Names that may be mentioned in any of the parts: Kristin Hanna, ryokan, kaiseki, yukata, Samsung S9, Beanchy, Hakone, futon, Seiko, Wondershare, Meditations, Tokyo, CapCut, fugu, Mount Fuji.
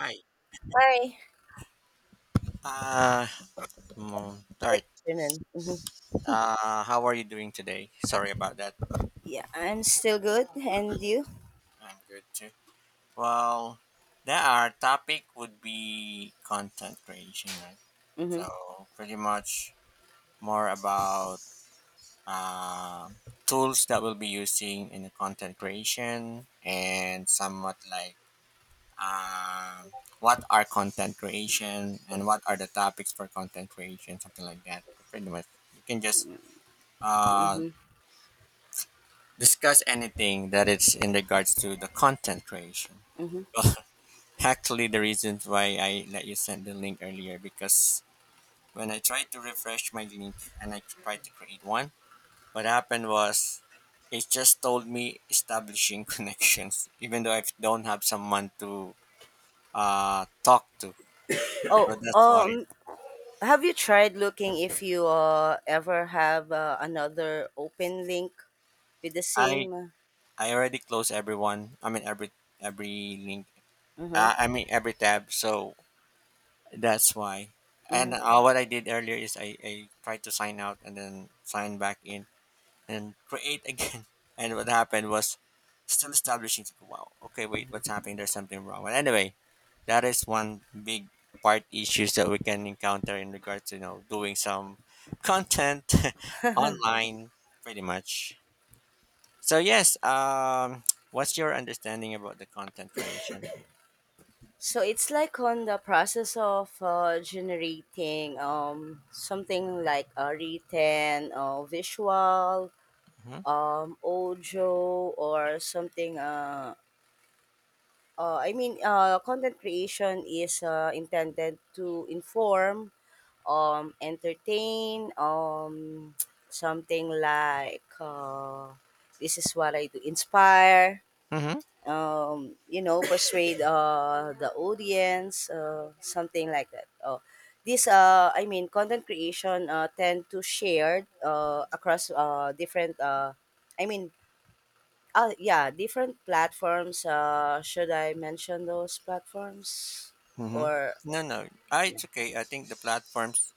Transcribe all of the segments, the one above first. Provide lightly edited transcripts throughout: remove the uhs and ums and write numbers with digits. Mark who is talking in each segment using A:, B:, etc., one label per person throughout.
A: Hi.
B: Hi.
A: Uh, all
B: Good
A: right.
B: afternoon. Mhm.
A: How are you doing today? Sorry about that.
B: Yeah, I'm still good. And you?
A: I'm good too. Well, there our topic would be content creation, right?
B: Mhm.
A: So pretty much more about uh, tools that we'll be using in the content creation and somewhat like uh, what are content creation and what are the topics for content creation, something like that. Pretty much, you can just uh,
B: Mhm.
A: discuss anything that it's in regards to the content creation.
B: Mhm.
A: Well, actually, the reasons why I let you send the link earlier, because when I tried to refresh my link and I tried to create one, what happened was it just told me establishing connections, even though I don't have someone to talk to.
B: Oh,
A: So that's why
B: um, have you tried looking if you ever have another open link with the
A: I
B: same?
A: I already closed everyone. I mean every link.
B: Mhm.
A: I mean every tab. So that's why. And
B: Mhm.
A: what I did earlier is I tried to sign out and then sign back in and create again. And what happened was still establishing, like, wow, okay, wait, what's happening? There's something wrong. But anyway, that is one big part issues that we can encounter in regards to doing some content online pretty much. So yes, what's your understanding about the content creation?
B: So it's like on the process of generating something like a written, visual, audio, or something. Content creation is intended to inform, entertain, something like this is what I do, inspire,
A: Hmm.
B: you know, persuade the audience, something like that. Content creation tend to shared across different, I mean, oh yeah, different platforms. Should I mention those platforms,
A: Mm-hmm.
B: or
A: No, no, it's okay. I think the platforms.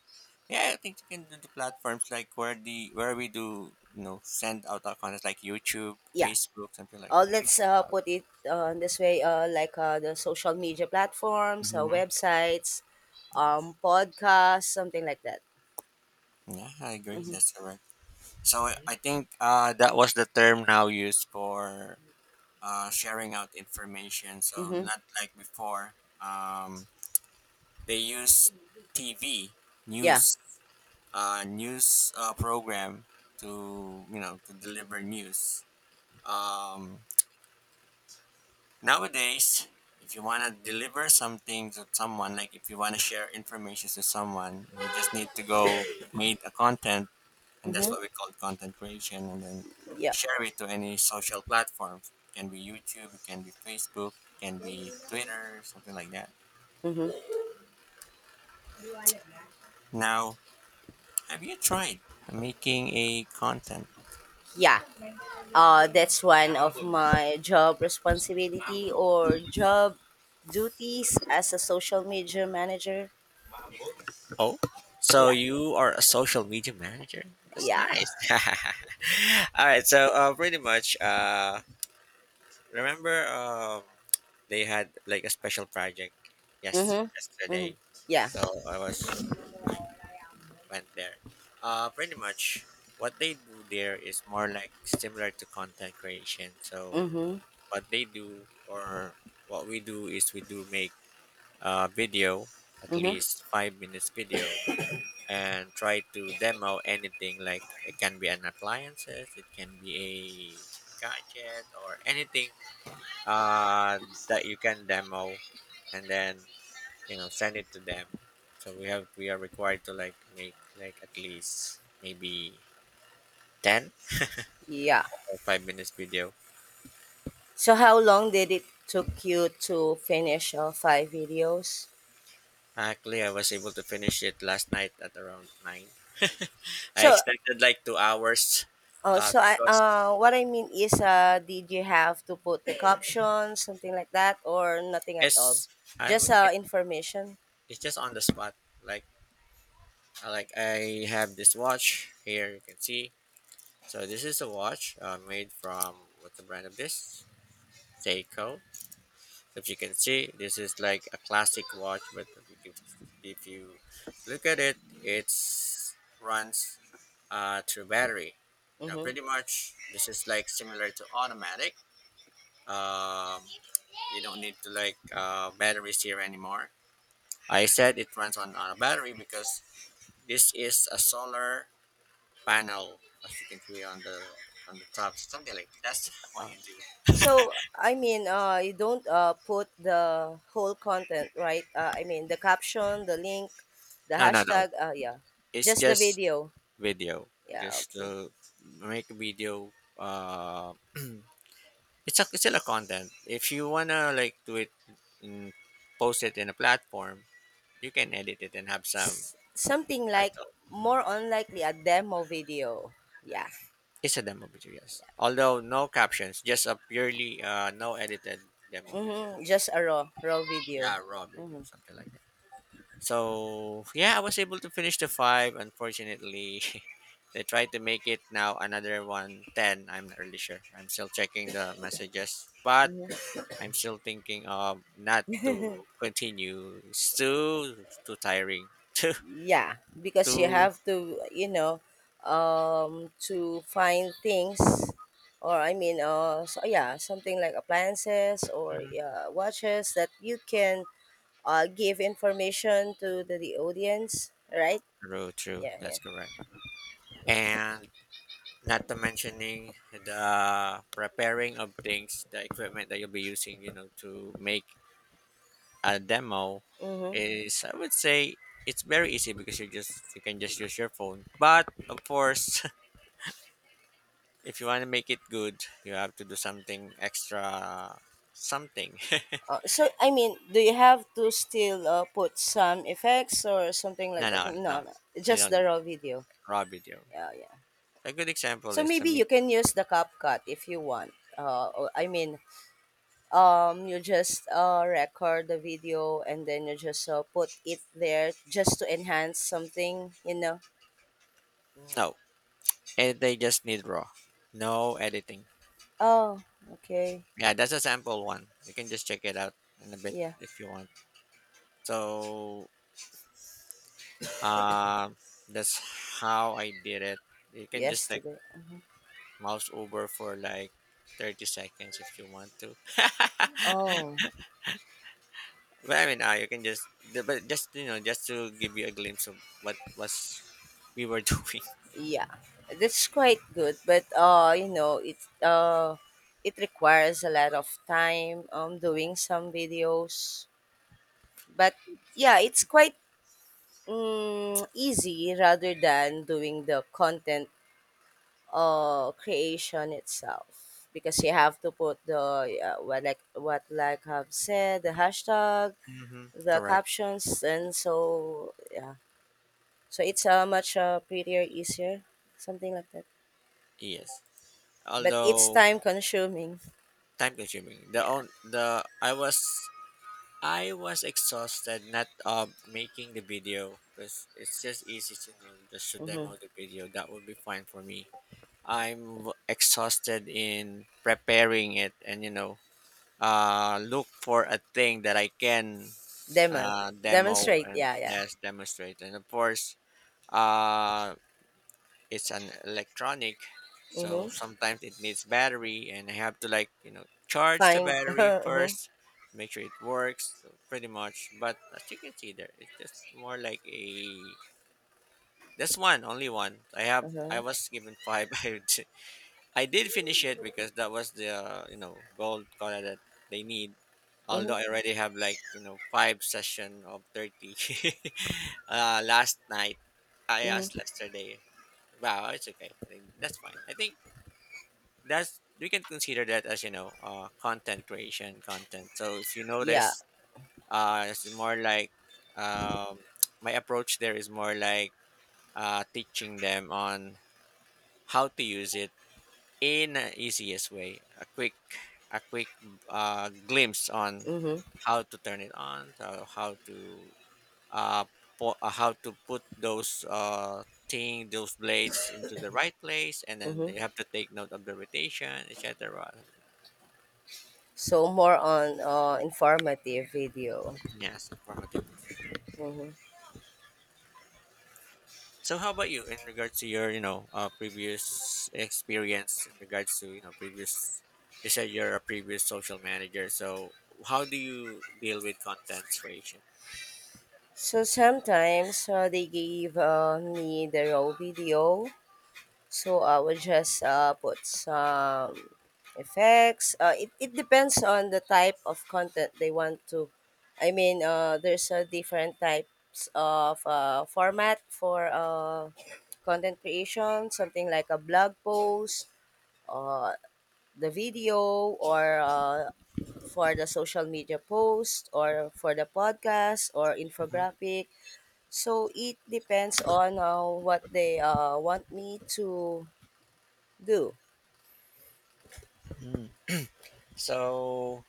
A: Yeah, I think you can do the platforms like where the where we do send out our content like YouTube,
B: yeah?
A: Facebook, something like that. I think
B: Let's
A: that's allowed.
B: put it this way. Like the social media platforms,
A: Hmm.
B: websites,
A: Yes.
B: podcasts, something like that.
A: Yeah, I agree.
B: Mm-hmm.
A: That's correct. So I think that was the term now used for sharing out information. So
B: Mm-hmm.
A: not like before. Um, they use TV
B: Yeah.
A: news news program to you know to deliver news. um, nowadays, if you want to deliver something to someone, like, if you want to share information to someone, you just need to go make a content, and that's
B: Mm-hmm.
A: what we call content creation. And then
B: Yeah.
A: share it to any social platforms. Can be youtube, it can be facebook, can be twitter, something like that.
B: Mm-hmm.
A: Now, have you tried making a content?
B: Yeah. That's one of my job responsibility or job duties as a social media manager.
A: Oh, so
B: Yeah.
A: you are a social media manager? That's
B: Yeah.
A: nice. All right, so pretty much. Remember, they had like a special project yes
B: Mm-hmm. Mm-hmm.
A: yesterday,
B: Yeah.
A: so I was went there. Pretty much what they do there is more like similar to content creation. So
B: Mm-hmm.
A: what they do, or what we do, is we do make a video, at
B: Mm-hmm.
A: least 5 minutes video, and try to demo anything, like, it can be an appliances, it can be a gadget or anything uh, that you can demo, and then you know send it to them. So we are required to like make like at least maybe 10
B: Yeah.
A: or 5 minutes video.
B: So how long did it took you to finish all five videos?
A: Actually, I was able to finish it last night at around 9. I
B: So
A: expected like 2 hours.
B: oh, so I
A: Because
B: what I mean is did you have to put the captions, something like that, or nothing at all?
A: it's I,
B: Just
A: I
B: information?
A: it's just on the spot. Like, I have this watch here, you can see. So this is a watch made from, what's the brand of this? Seiko. If you can see, this is like a classic watch, but if if you look at it runs through battery. Now
B: Mm-hmm.
A: pretty much this is like similar to automatic. um, you don't need to like batteries here anymore. I said it runs on a battery, because this is a solar panel, as you can see on the top. Something like that's what
B: Oh.
A: you do.
B: So I mean you don't put the whole content, right? I mean the caption, the link, the
A: No, no, no,
B: hashtag, yeah.
A: it's
B: Just the
A: just
B: video.
A: video.
B: Yeah,
A: Just
B: okay.
A: to make a video. uh it's still a content. If you wanna like do it in, post it in a platform, you can edit it and have some
B: Something like
A: title. Hmm.
B: more unlikely a demo video. Yeah.
A: It's a demo video, yes, although no captions, just a purely no edited demo video.
B: Hmm. Just a raw video.
A: Yeah, raw video,
B: Hmm.
A: something like that. So yeah, I was able to finish the five. Unfortunately, they tried to make it now another one ten. I'm not really sure. I'm still checking the messages, but I'm still thinking of not to continue. It's too too tiring. Too
B: Yeah, because you
A: too.
B: have to, you know, to find things, or I mean, so yeah, something like appliances or
A: Hmm.
B: watches that you can give information to the audience, right?
A: True, true.
B: Yeah, yeah.
A: That's correct. And not to mentioning the preparing of things, the equipment that you'll be using, to make a demo,
B: Mm-hmm.
A: is I would say it's very easy, because you can just use your phone. But of course, if you want to make it good, you have to do something extra, something.
B: So I mean, do you have to still put some effects or something like
A: no,
B: that?
A: no,
B: No,
A: no.
B: no,
A: They
B: just the
A: don't
B: raw video.
A: raw video.
B: Yeah, yeah.
A: A good example
B: So
A: is,
B: maybe
A: let
B: you
A: me,
B: can use the CapCut if you want. Uh, or- I mean, you just record the video and then you just put it there just to enhance something, you know.
A: no. And they just need raw, no editing.
B: Oh, okay.
A: Yeah, that's a sample one. You can just check it out in a bit
B: Yeah,
A: if you want. So, um, that's how I did it. You can just like
B: yesterday.
A: mouse over for like 30 seconds if you want to. But
B: Oh.
A: I mean, you can just but just you know just to give you a glimpse of what was we were doing.
B: Yeah, that's quite good, but you know, uh, it requires a lot of time doing some videos. But yeah, it's quite easy rather than doing the content creation itself because you have to put the what like I've said, the hashtag,
A: Mm-hmm.
B: the
A: Correct.
B: captions, and so yeah, so it's much prettier, easier, something like that.
A: Yes.
B: But it's
A: Although
B: time consuming.
A: time consuming. The
B: Yeah.
A: on the I was exhausted, not making the video, because it's just easy to know just to
B: Mm-hmm.
A: demo the video. That would be fine for me. I'm exhausted in preparing it, and you know look for a thing that I can
B: Demon.
A: demo
B: Demonstrate.
A: and
B: Yeah, yeah.
A: yes, demonstrate. And of course, uh, it's an electronic, so
B: Mm-hmm.
A: sometimes it needs battery, and I have to like you know charge the
B: Find.
A: battery
B: Mm-hmm.
A: first, make sure it works. So pretty much, but as you can see there, it's just more like a. That's one, only one. I have. I
B: Uh-huh.
A: was given five. I did finish it because that was the you know gold color that they need.
B: Mm-hmm.
A: Although I already have like you know five session of 30 last night. I asked
B: Mm-hmm.
A: yesterday. Wow, it's okay. I think that's fine. I think that's we can consider that as you know content creation content. So if you
B: Yeah.
A: notice, it's more like um, my approach there is more like teaching them on how to use it in the easiest way. A quick a quick glimpse on
B: Mm-hmm.
A: how to turn it on. So how to uh, po- uh, how to put those thing, those blades into the right place, and then
B: Mm-hmm.
A: they have to take note of the rotation, etc., something like that.
B: So more on informative video.
A: Yes, informative video.
B: Mm-hmm.
A: So how about you, in regards to your you know previous experience, in regards to you know previous, you said you're a previous social manager, so how do you deal with content creation?
B: So sometimes they gave me the raw video, so I will just put some effects. It depends on the type of content they want to. I mean, there's different types of format for content creation, something like a blog post, uh, the video, or for the social media post, or for the podcast, or infographic. So it depends on what they want me to do.
A: Mhm. So,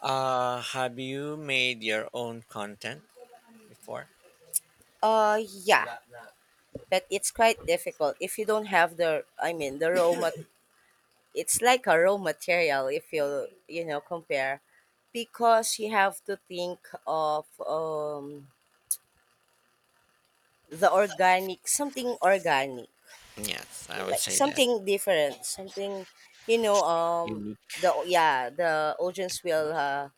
A: have you made your own content before?
B: Yeah, but it's quite difficult if you don't have the, I mean, the raw mat. It's like a raw material if you you know compare, because you have to think of the organic, something organic,
A: Yes, I would
B: like
A: say that.
B: something different, something you know,
A: Unique.
B: the yeah the audience will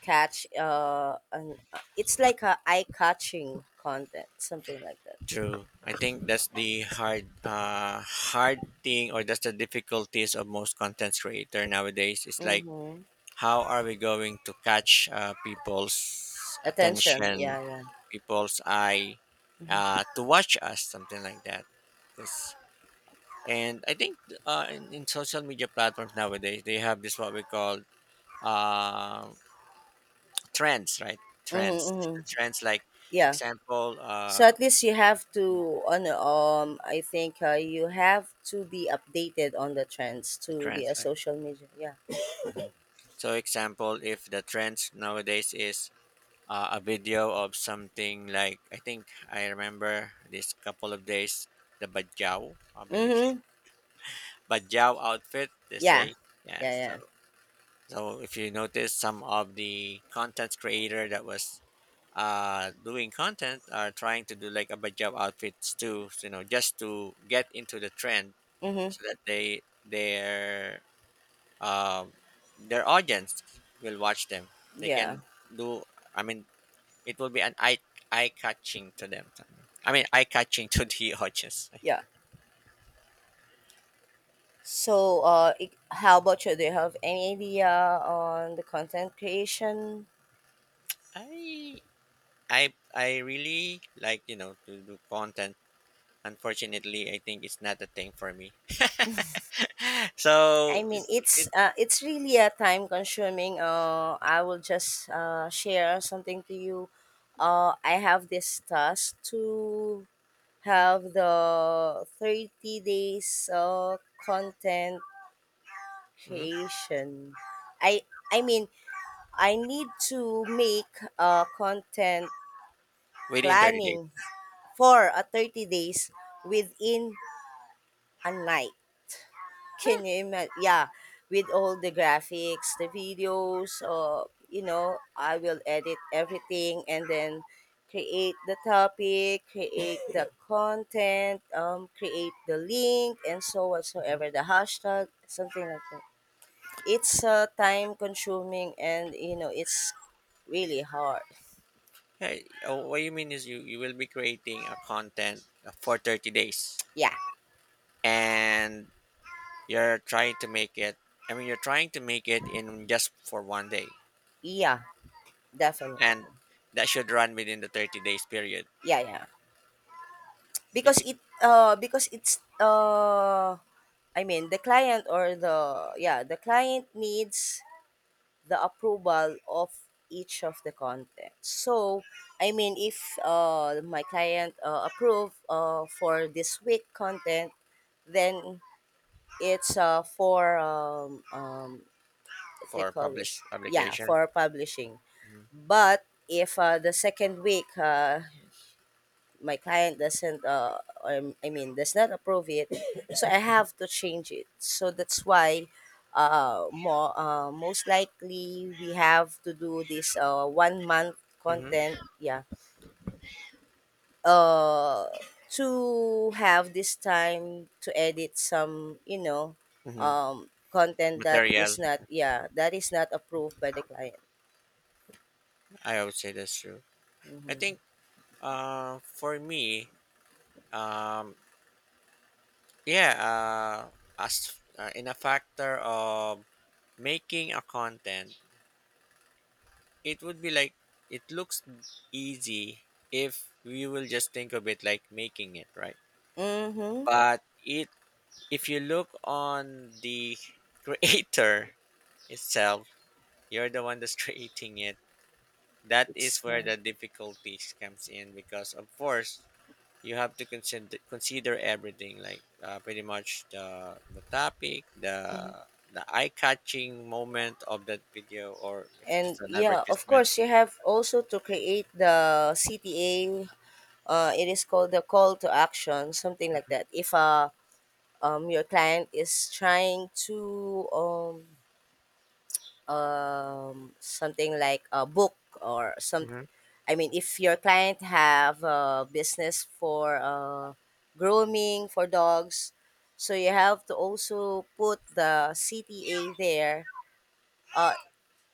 B: catch an, it's like a eye catching content, something like that.
A: True. I think that's the hard thing, or that's the difficulties of most content creator nowadays. It's like,
B: Mm-hmm.
A: how are we going to catch people's
B: Attention,
A: attention,
B: yeah, yeah.
A: people's eye,
B: Mm-hmm.
A: to watch us, something like that. Yes. And I think in social media platforms nowadays, they have this what we call uh, trends, right?
B: Mm-hmm,
A: Trends,
B: mm-hmm.
A: the trends like
B: Yeah.
A: example,
B: So at least you have
A: mm,
B: to on I think you have to be updated on the trends
A: the
B: to be
A: trends
B: a
A: like.
B: social media. Yeah.
A: Mhm. So example, if the trends nowadays is a video of something like, I think I remember this couple of days, the bajau, I believe,
B: Mm-hmm.
A: bajau outfit. They
B: Yeah.
A: say yeah.
B: Yeah,
A: So
B: yeah.
A: so if you notice, some of the content creator that was doing content are trying to do like a job outfits too, so, you know, just to get into the trend,
B: Mm-hmm.
A: so that they um their audience will watch them. They
B: Yeah.
A: can do, I mean, it will be an eye catching to them. I mean, eye catching to the audience.
B: Yeah. So I how about you? Do you have any idea on the content creation?
A: I i i really like you know to do content. Unfortunately, I think it's not a thing for me. So
B: I mean,
A: it's, it
B: it's really a time consuming. I will just share something to you. I have this task to have the 30 days content
A: mhm,
B: creation. I i mean i need to make a content
A: within 30 days.
B: planning for a 30 days within a night. Can you imagine? Yeah, with all the graphics, the videos, you know, I will edit everything and then create the topic, create the content, create the link, and so whatsoever, the hashtag, something like that. It's time consuming and, you know, it's really hard.
A: Hey, oh, what you mean is you will be creating a content for 30 days,
B: Yeah,
A: and you're trying to make it, I mean, you're trying to make it in just for one day.
B: yeah, definitely.
A: And that should run within the 30 days period.
B: Yeah, yeah. Because
A: Diffic-
B: it uh, because it's I mean, the client or the yeah, the client needs the approval of each of the content. So, I mean, if my client approve for this week content, then it's for what do you
A: for
B: call
A: publish
B: this? Yeah,
A: publication.
B: for publishing. But if the second week my client doesn't I mean does not approve it, so I have to change it, so that's why more most likely we have to do this 1 month
A: Mm-hmm.
B: content, yeah, uh to have this time to edit some you know
A: Hmm.
B: content that is
A: Material,
B: not, yeah, that is not approved by the client.
A: I would say that's true. I
B: Mm-hmm.
A: think for me, um, yeah, uh, as in a factor of making a content, it would be like it looks easy if we will just think of it like making it, right?
B: Mm-hmm.
A: But it if you look on the creator itself, you're the one that's creating it. That
B: it's
A: is where the difficulties comes in, because of course you have to consider everything like pretty much the topic, the eye catching moment of that video, or if it is
B: And
A: an
B: yeah, of
A: advertisement.
B: course, you have also to create the CTA. It is called the call to action, something like that. If your client is trying to something like a book or some, I mean, if your client have a business for grooming for dogs, so you have to also put the CTA there. Uh,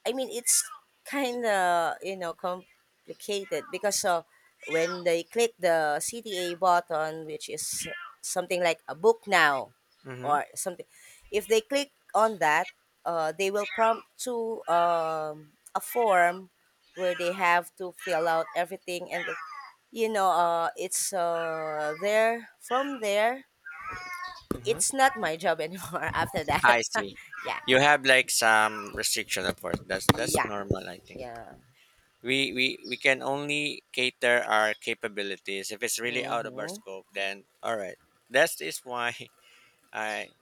B: I mean, it's kind of, you know, complicated because when they click the CTA button, which is something like a book now
A: Mm-hmm.
B: or something, if they click on that, they will prompt to a form where they have to fill out everything, and then, you know, it's there from there. It's
A: Mm-hmm.
B: not my job anymore after that.
A: I see.
B: Yeah,
A: You have like some restriction, of course. That's
B: yeah,
A: normal, I think.
B: yeah.
A: We can only cater our capabilities. If it's really out of our
B: Hmm.
A: scope, then all right. That is why I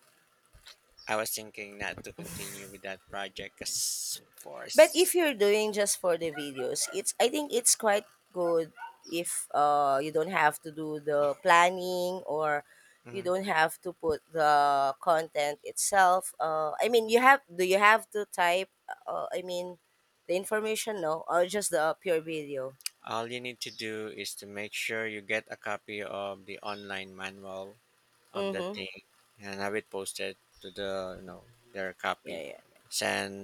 A: I was thinking not to continue with that project as far
B: But
A: as.
B: if you're doing just for the videos, it's I think it's quite good if you don't have to do the planning or you don't have to put the content itself. I mean, you have do you have to type? I mean, the information no, or just the pure video.
A: All you need to do is to make sure you get a copy of the online manual of the
B: Mm-hmm.
A: thing and have it posted to the their copy.
B: Yeah, yeah.
A: Send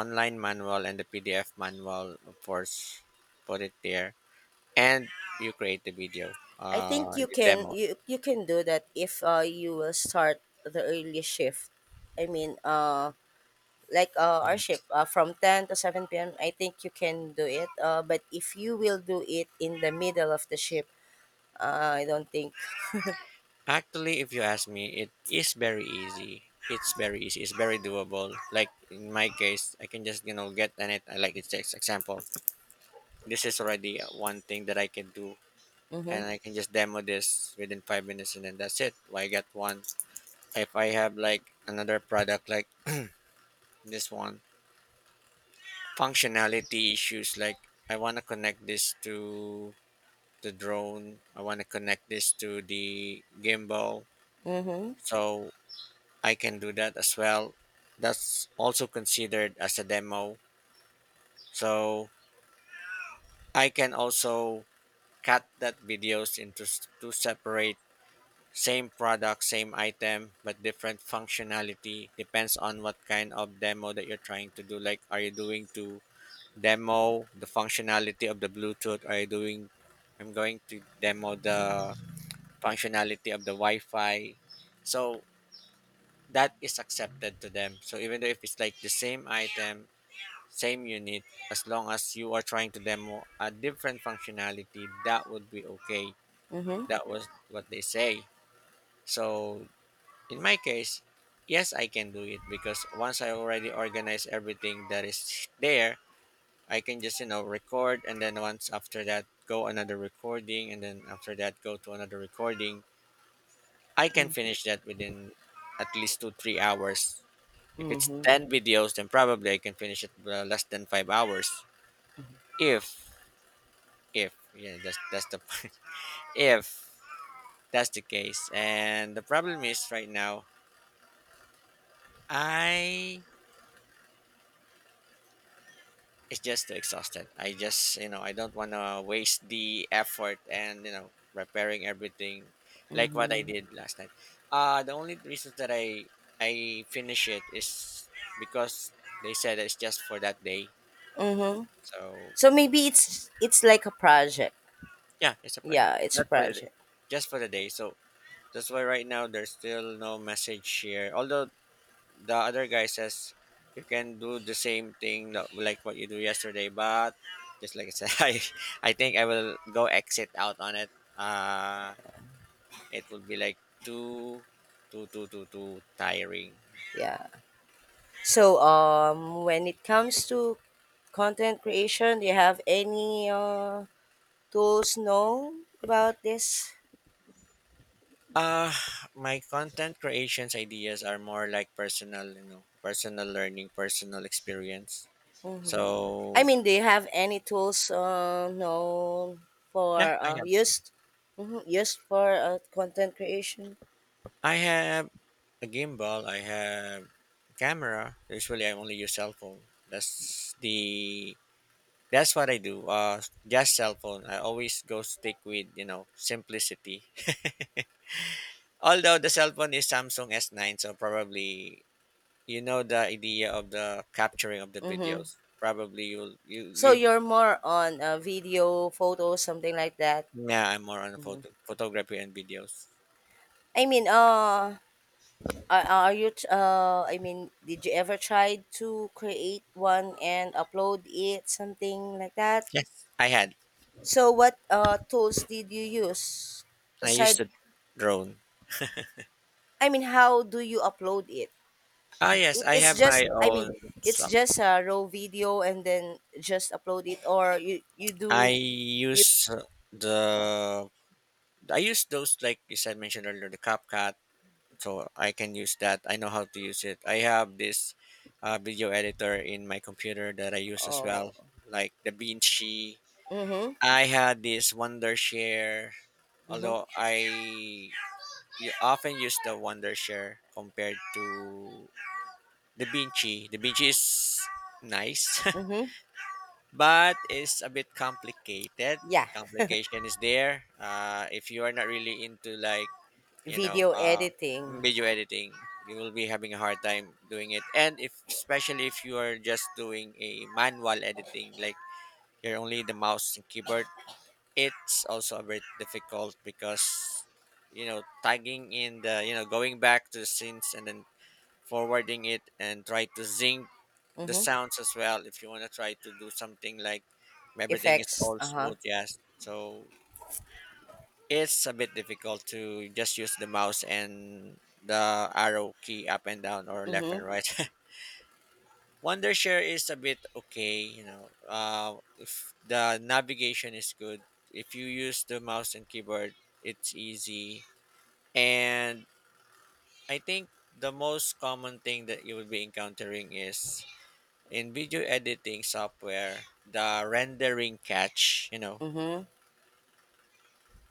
A: online manual and the PDF manual, of course, put it there, and you create the video,
B: I think you
A: you
B: can
A: demo it.
B: you you can do that if you will start the early shift. I mean, our ship from 10 to 7 p.m. I think you can do it. But if you will do it in the middle of the ship, I don't think.
A: Actually, if you ask me, it is very easy. It's very easy. It's very doable. Like in my case, I can just get on it. I Like it's just example. This is already one thing that I can do,
B: Mm-hmm.
A: and I can just demo this within five minutes and then that's it. Why get one? If I have like another product like this one, functionality issues like I want to connect this to the drone, I want to connect this to the gimbal,
B: Mm-hmm.
A: so I can do that as well. That's also considered as a demo. So I can also cut that videos into two separate. Same product, same item, but different functionality depends on what kind of demo that you're trying to do. Like, are you doing to demo the functionality of the Bluetooth? Are you doing, I'm going to demo the functionality of the Wi Fi. So that is accepted to them. So even though if it's like the same item, same unit, as long as you are trying to demo a different functionality, that would be okay.
B: Mm-hmm.
A: That was what they say. So in my case, yes, I can do it because once I already organize everything that is there, I can just, you know, record and then once after that, go another recording and then after that, go to another recording. I can finish that within at least two, three hours. If it's
B: Mm-hmm.
A: 10 videos, then probably I can finish it less than five hours. If, if, yeah, that's the point. If that's the case. And the problem is right now, I it's just too exhausted. I just I don't want to waste the effort and repairing everything like what I
B: Mm-hmm.
A: did last night. Uh, the only reasons that I finish it is because they said it's just for that day. So
B: So maybe it's like a project.
A: yeah, it's a project.
B: Yeah, it's a
A: Not for the day,
B: project.
A: just for the day. So that's why right now there's still no message here. Although the other guy says you can do the same thing that- like what you do yesterday, but just like I said, I think I will go exit out on it uh it would be like too too tiring.
B: Yeah. So when it comes to content creation, do you have any tools know about this?
A: uh my content creations ideas are more like personal, personal learning, personal experience,
B: I
A: so
B: mean, do you have any tools no, for
A: yeah I have,
B: used, mhm, used for content creation?
A: I have a gimbal, I have camera. Usually I only use cell phone. That's the— That's what I do. Just cell phone. I always go stick with simplicity. Although the cell phone is Samsung S9, so probably the idea of the capturing of the
B: Mm-hmm.
A: videos. Probably you'll you
B: So
A: you
B: you're more on video, photos, something like that.
A: yeah. I'm more on photo photography and videos.
B: I mean, are you? Did you ever try to create one and upload it, something like that?
A: Yes, I had.
B: So what tools did you use
A: I used
B: aside?
A: the drone.
B: I mean, how do you upload it?
A: Ah yes, I
B: it's
A: have
B: just
A: my
B: i mean
A: own.
B: it's
A: Some
B: just a raw video and then just upload it or you
A: I
B: do you.
A: use the— I use those like you said mentioned earlier, the CapCut, so I can use that. I know how to use it. I have this video editor in my computer that I use as
B: Oh.
A: well, like the Beanshy.
B: Mm-hmm.
A: I had this Wondershare,
B: Mm-hmm.
A: although I— you often use the Wondershare compared to the Beanchy. The Beanchy is nice,
B: Mm-hmm.
A: but it's a bit complicated.
B: Yeah,
A: Complication is there. If you are not really into like you know
B: video
A: uh,
B: editing.
A: video editing, you will be having a hard time doing it, and if especially if you are just doing a manual editing like you're only the mouse and keyboard. It's also a bit difficult because tagging in the, going back to the scenes and then forwarding it and try to sync the
B: Mm-hmm.
A: sounds as well if you want to try to do something like everything is
B: Effects.
A: all
B: Uh-huh.
A: smooth. Yes, so it's a bit difficult to just use the mouse and the arrow key up and down or left
B: Mm-hmm.
A: and right. Wondershare is a bit okay, you know. If the navigation is good, if you use the mouse and keyboard, it's easy. And I think the most common thing that you will be encountering is in video editing software, the rendering catch,
B: Mm-hmm.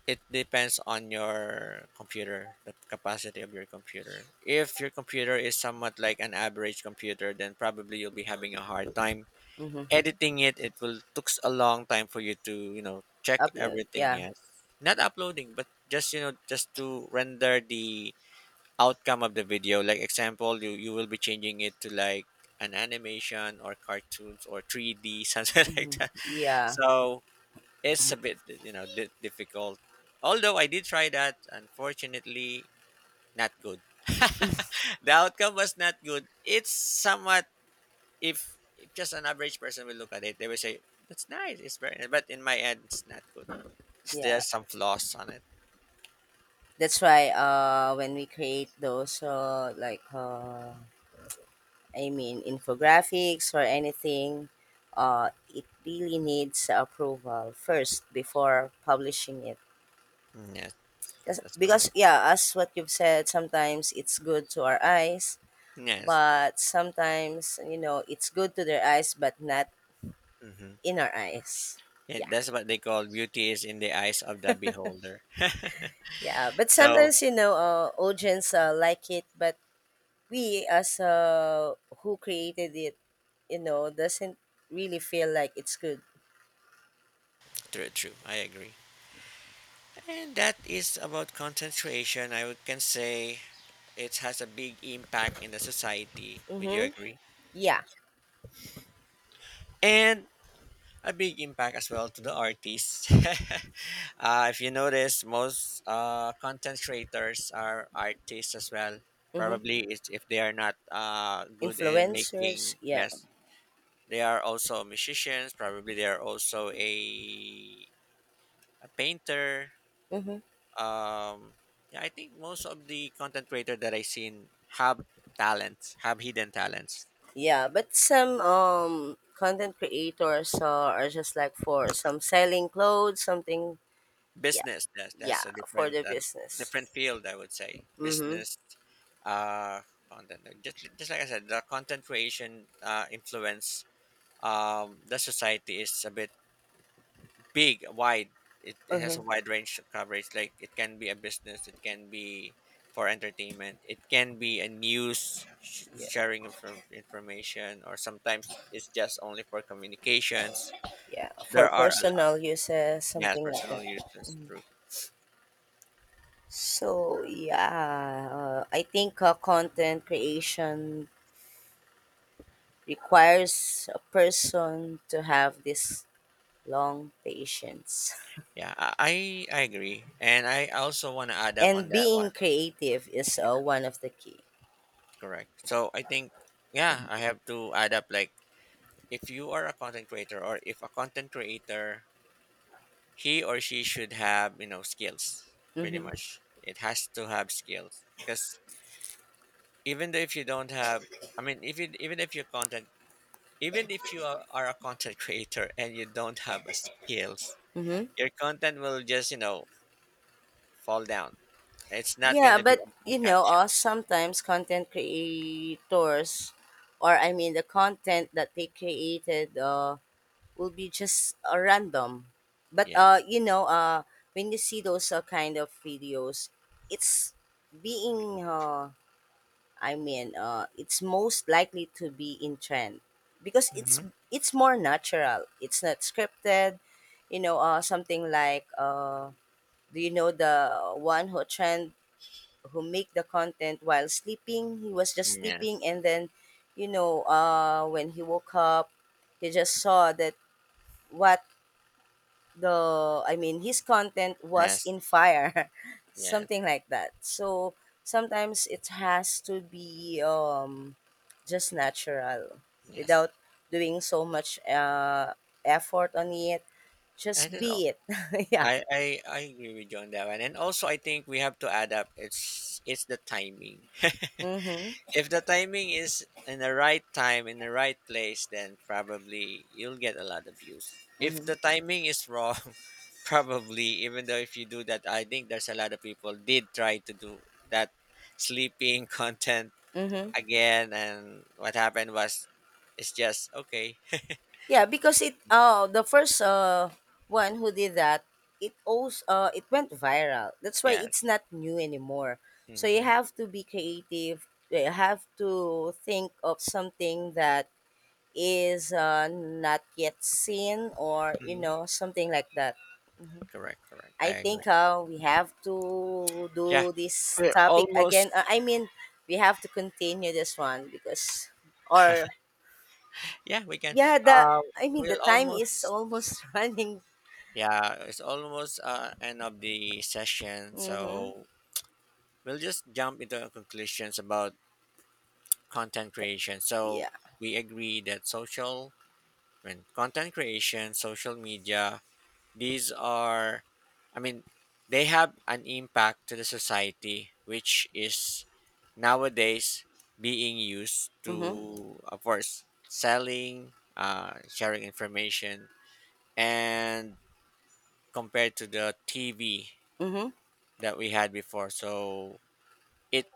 A: it depends on your computer, the capacity of your computer. If your computer is somewhat like an average computer, then probably you'll be having a hard time
B: Mm-hmm.
A: editing it. It will takes a long time for you to, check
B: Upload,
A: everything.
B: yeah.
A: Yes. Not uploading, but just, just to render the outcome of the video. Like example, you will be changing it to like an animation or cartoons or 3D, something
B: Mm-hmm.
A: like that.
B: Yeah.
A: So it's a bit difficult, although I did try that. Unfortunately, not good. The outcome was not good. It's somewhat, if just an average person will look at it, they will say that's nice, it's very nice, but in my end it's not good.
B: Yeah,
A: There's some flaws on it.
B: that's why when we create those, I mean, infographics or anything, it really needs approval first before publishing it.
A: Mm, yes.
B: 'Cause-
A: That's
B: Because,
A: correct.
B: yeah, as what you've said, sometimes it's good to our eyes,
A: Yes.
B: but sometimes, you know, it's good to their eyes, but not
A: Hmm.
B: in our eyes.
A: Yeah,
B: Yeah,
A: that's what they call beauty is in the eyes of the beholder.
B: yeah. But
A: So
B: sometimes, you know, audience like it, but we as who created it, you know, doesn't really feel like it's good.
A: true, true. I agree. And that is about content creation. I would— can say it has a big impact in the society. Would you
B: Mm-hmm.
A: agree?
B: Yeah.
A: And a big impact as well to the artists. Uh, if you notice, most content creators are artists as well.
B: Mm-hmm.
A: Probably it's if they are not good in
B: Influencers,
A: making,
B: yeah.
A: yes, they are also musicians. Probably they are also a painter.
B: Mhm.
A: Um, yeah, I think most of the content creator that I seen have talents, have hidden talents.
B: Yeah, but some content creators are just like for some selling clothes, something, yeah.
A: Business, that's
B: Yeah,
A: a
B: for
A: different
B: the business.
A: different field, I would say
B: Mhm.
A: business. uh Content, just like I said, the content creation influence the society is a bit big, wide. It has
B: Uh-huh.
A: a wide range of coverage, like it can be a business, it can be for entertainment, it can be a news
B: Yeah.
A: sharing of information, or sometimes it's just only for communications.
B: Yeah, for
A: There are a lot,
B: personal uses,
A: yes,
B: something like
A: personal
B: that.
A: uses, true.
B: So yeah, I think content creation requires a person to have this long patience,
A: Yeah, I agree, and I also want to add up on
B: and
A: that one.
B: being creative is one of the key.
A: Correct. So I think yeah, I have to add up like if you are a content creator or if a content creator, he or she should have skills. Pretty
B: Mm-hmm.
A: much, it has to have skills because even though if you don't have, I mean, if you, even if you're content, even if you are a content creator and you don't have a skills,
B: Mm-hmm.
A: your content will just fall down. It's not
B: Yeah,
A: gonna be
B: but
A: a
B: you know,
A: catch up.
B: sometimes content creators, or I mean, the content that they created, will be just random. But
A: Yeah.
B: you know, when you see those kind of videos, it's being it's most likely to be in trend because it's more natural. It's not scripted. You know, something like do you know the one who trend who make the content while sleeping. He was just sleeping
A: Yes.
B: and then, you know, when he woke up, he just saw that what the, I mean, his content was
A: Yes,
B: in fire,
A: yes,
B: something like that. So sometimes it has to be just natural
A: yes.
B: without doing so much effort on it.
A: I
B: Just
A: just al-
B: be it. Yeah.
A: I agree with you on that one. And also I think we have to add up it's the timing.
B: Mm-hmm.
A: If the timing is in the right time, in the right place, then probably you'll get a lot of views. If
B: Mm-hmm.
A: the timing is wrong, probably even though if you do that, I think there's a lot of people did try to do that sleeping content
B: Mm-hmm.
A: again, and what happened was it's just okay.
B: Yeah, because it the first one who did that, it also it went viral. That's why it's
A: Yes.
B: not new anymore. So you
A: Mm-hmm.
B: have to be creative. You have to think of something that is not yet seen or you
A: Mm-hmm.
B: know something like that.
A: Correct, correct. I
B: I think
A: agree.
B: we have to
A: Yeah,
B: do this
A: we're
B: topic
A: almost.
B: again. I mean, we have to continue this one because or
A: Yeah, we can.
B: yeah, the
A: Uh,
B: I mean the
A: we'll
B: time is
A: almost.
B: almost running.
A: Yeah, it's almost end of the session,
B: Mm-hmm.
A: so we'll just jump into conclusions about content creation.
B: Yeah.
A: So we agree that social, when content creation, social media, these are, I mean, they have an impact to the society, which is nowadays being used
B: Mm-hmm.
A: to, of course, selling, sharing information, and compared to the TV
B: Mm-hmm.
A: that we had before. So it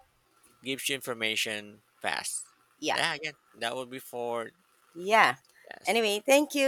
A: gives you information fast.
B: Yeah.
A: Yeah, again, that would be for,
B: Yeah.
A: yes,
B: Anyway, thank you.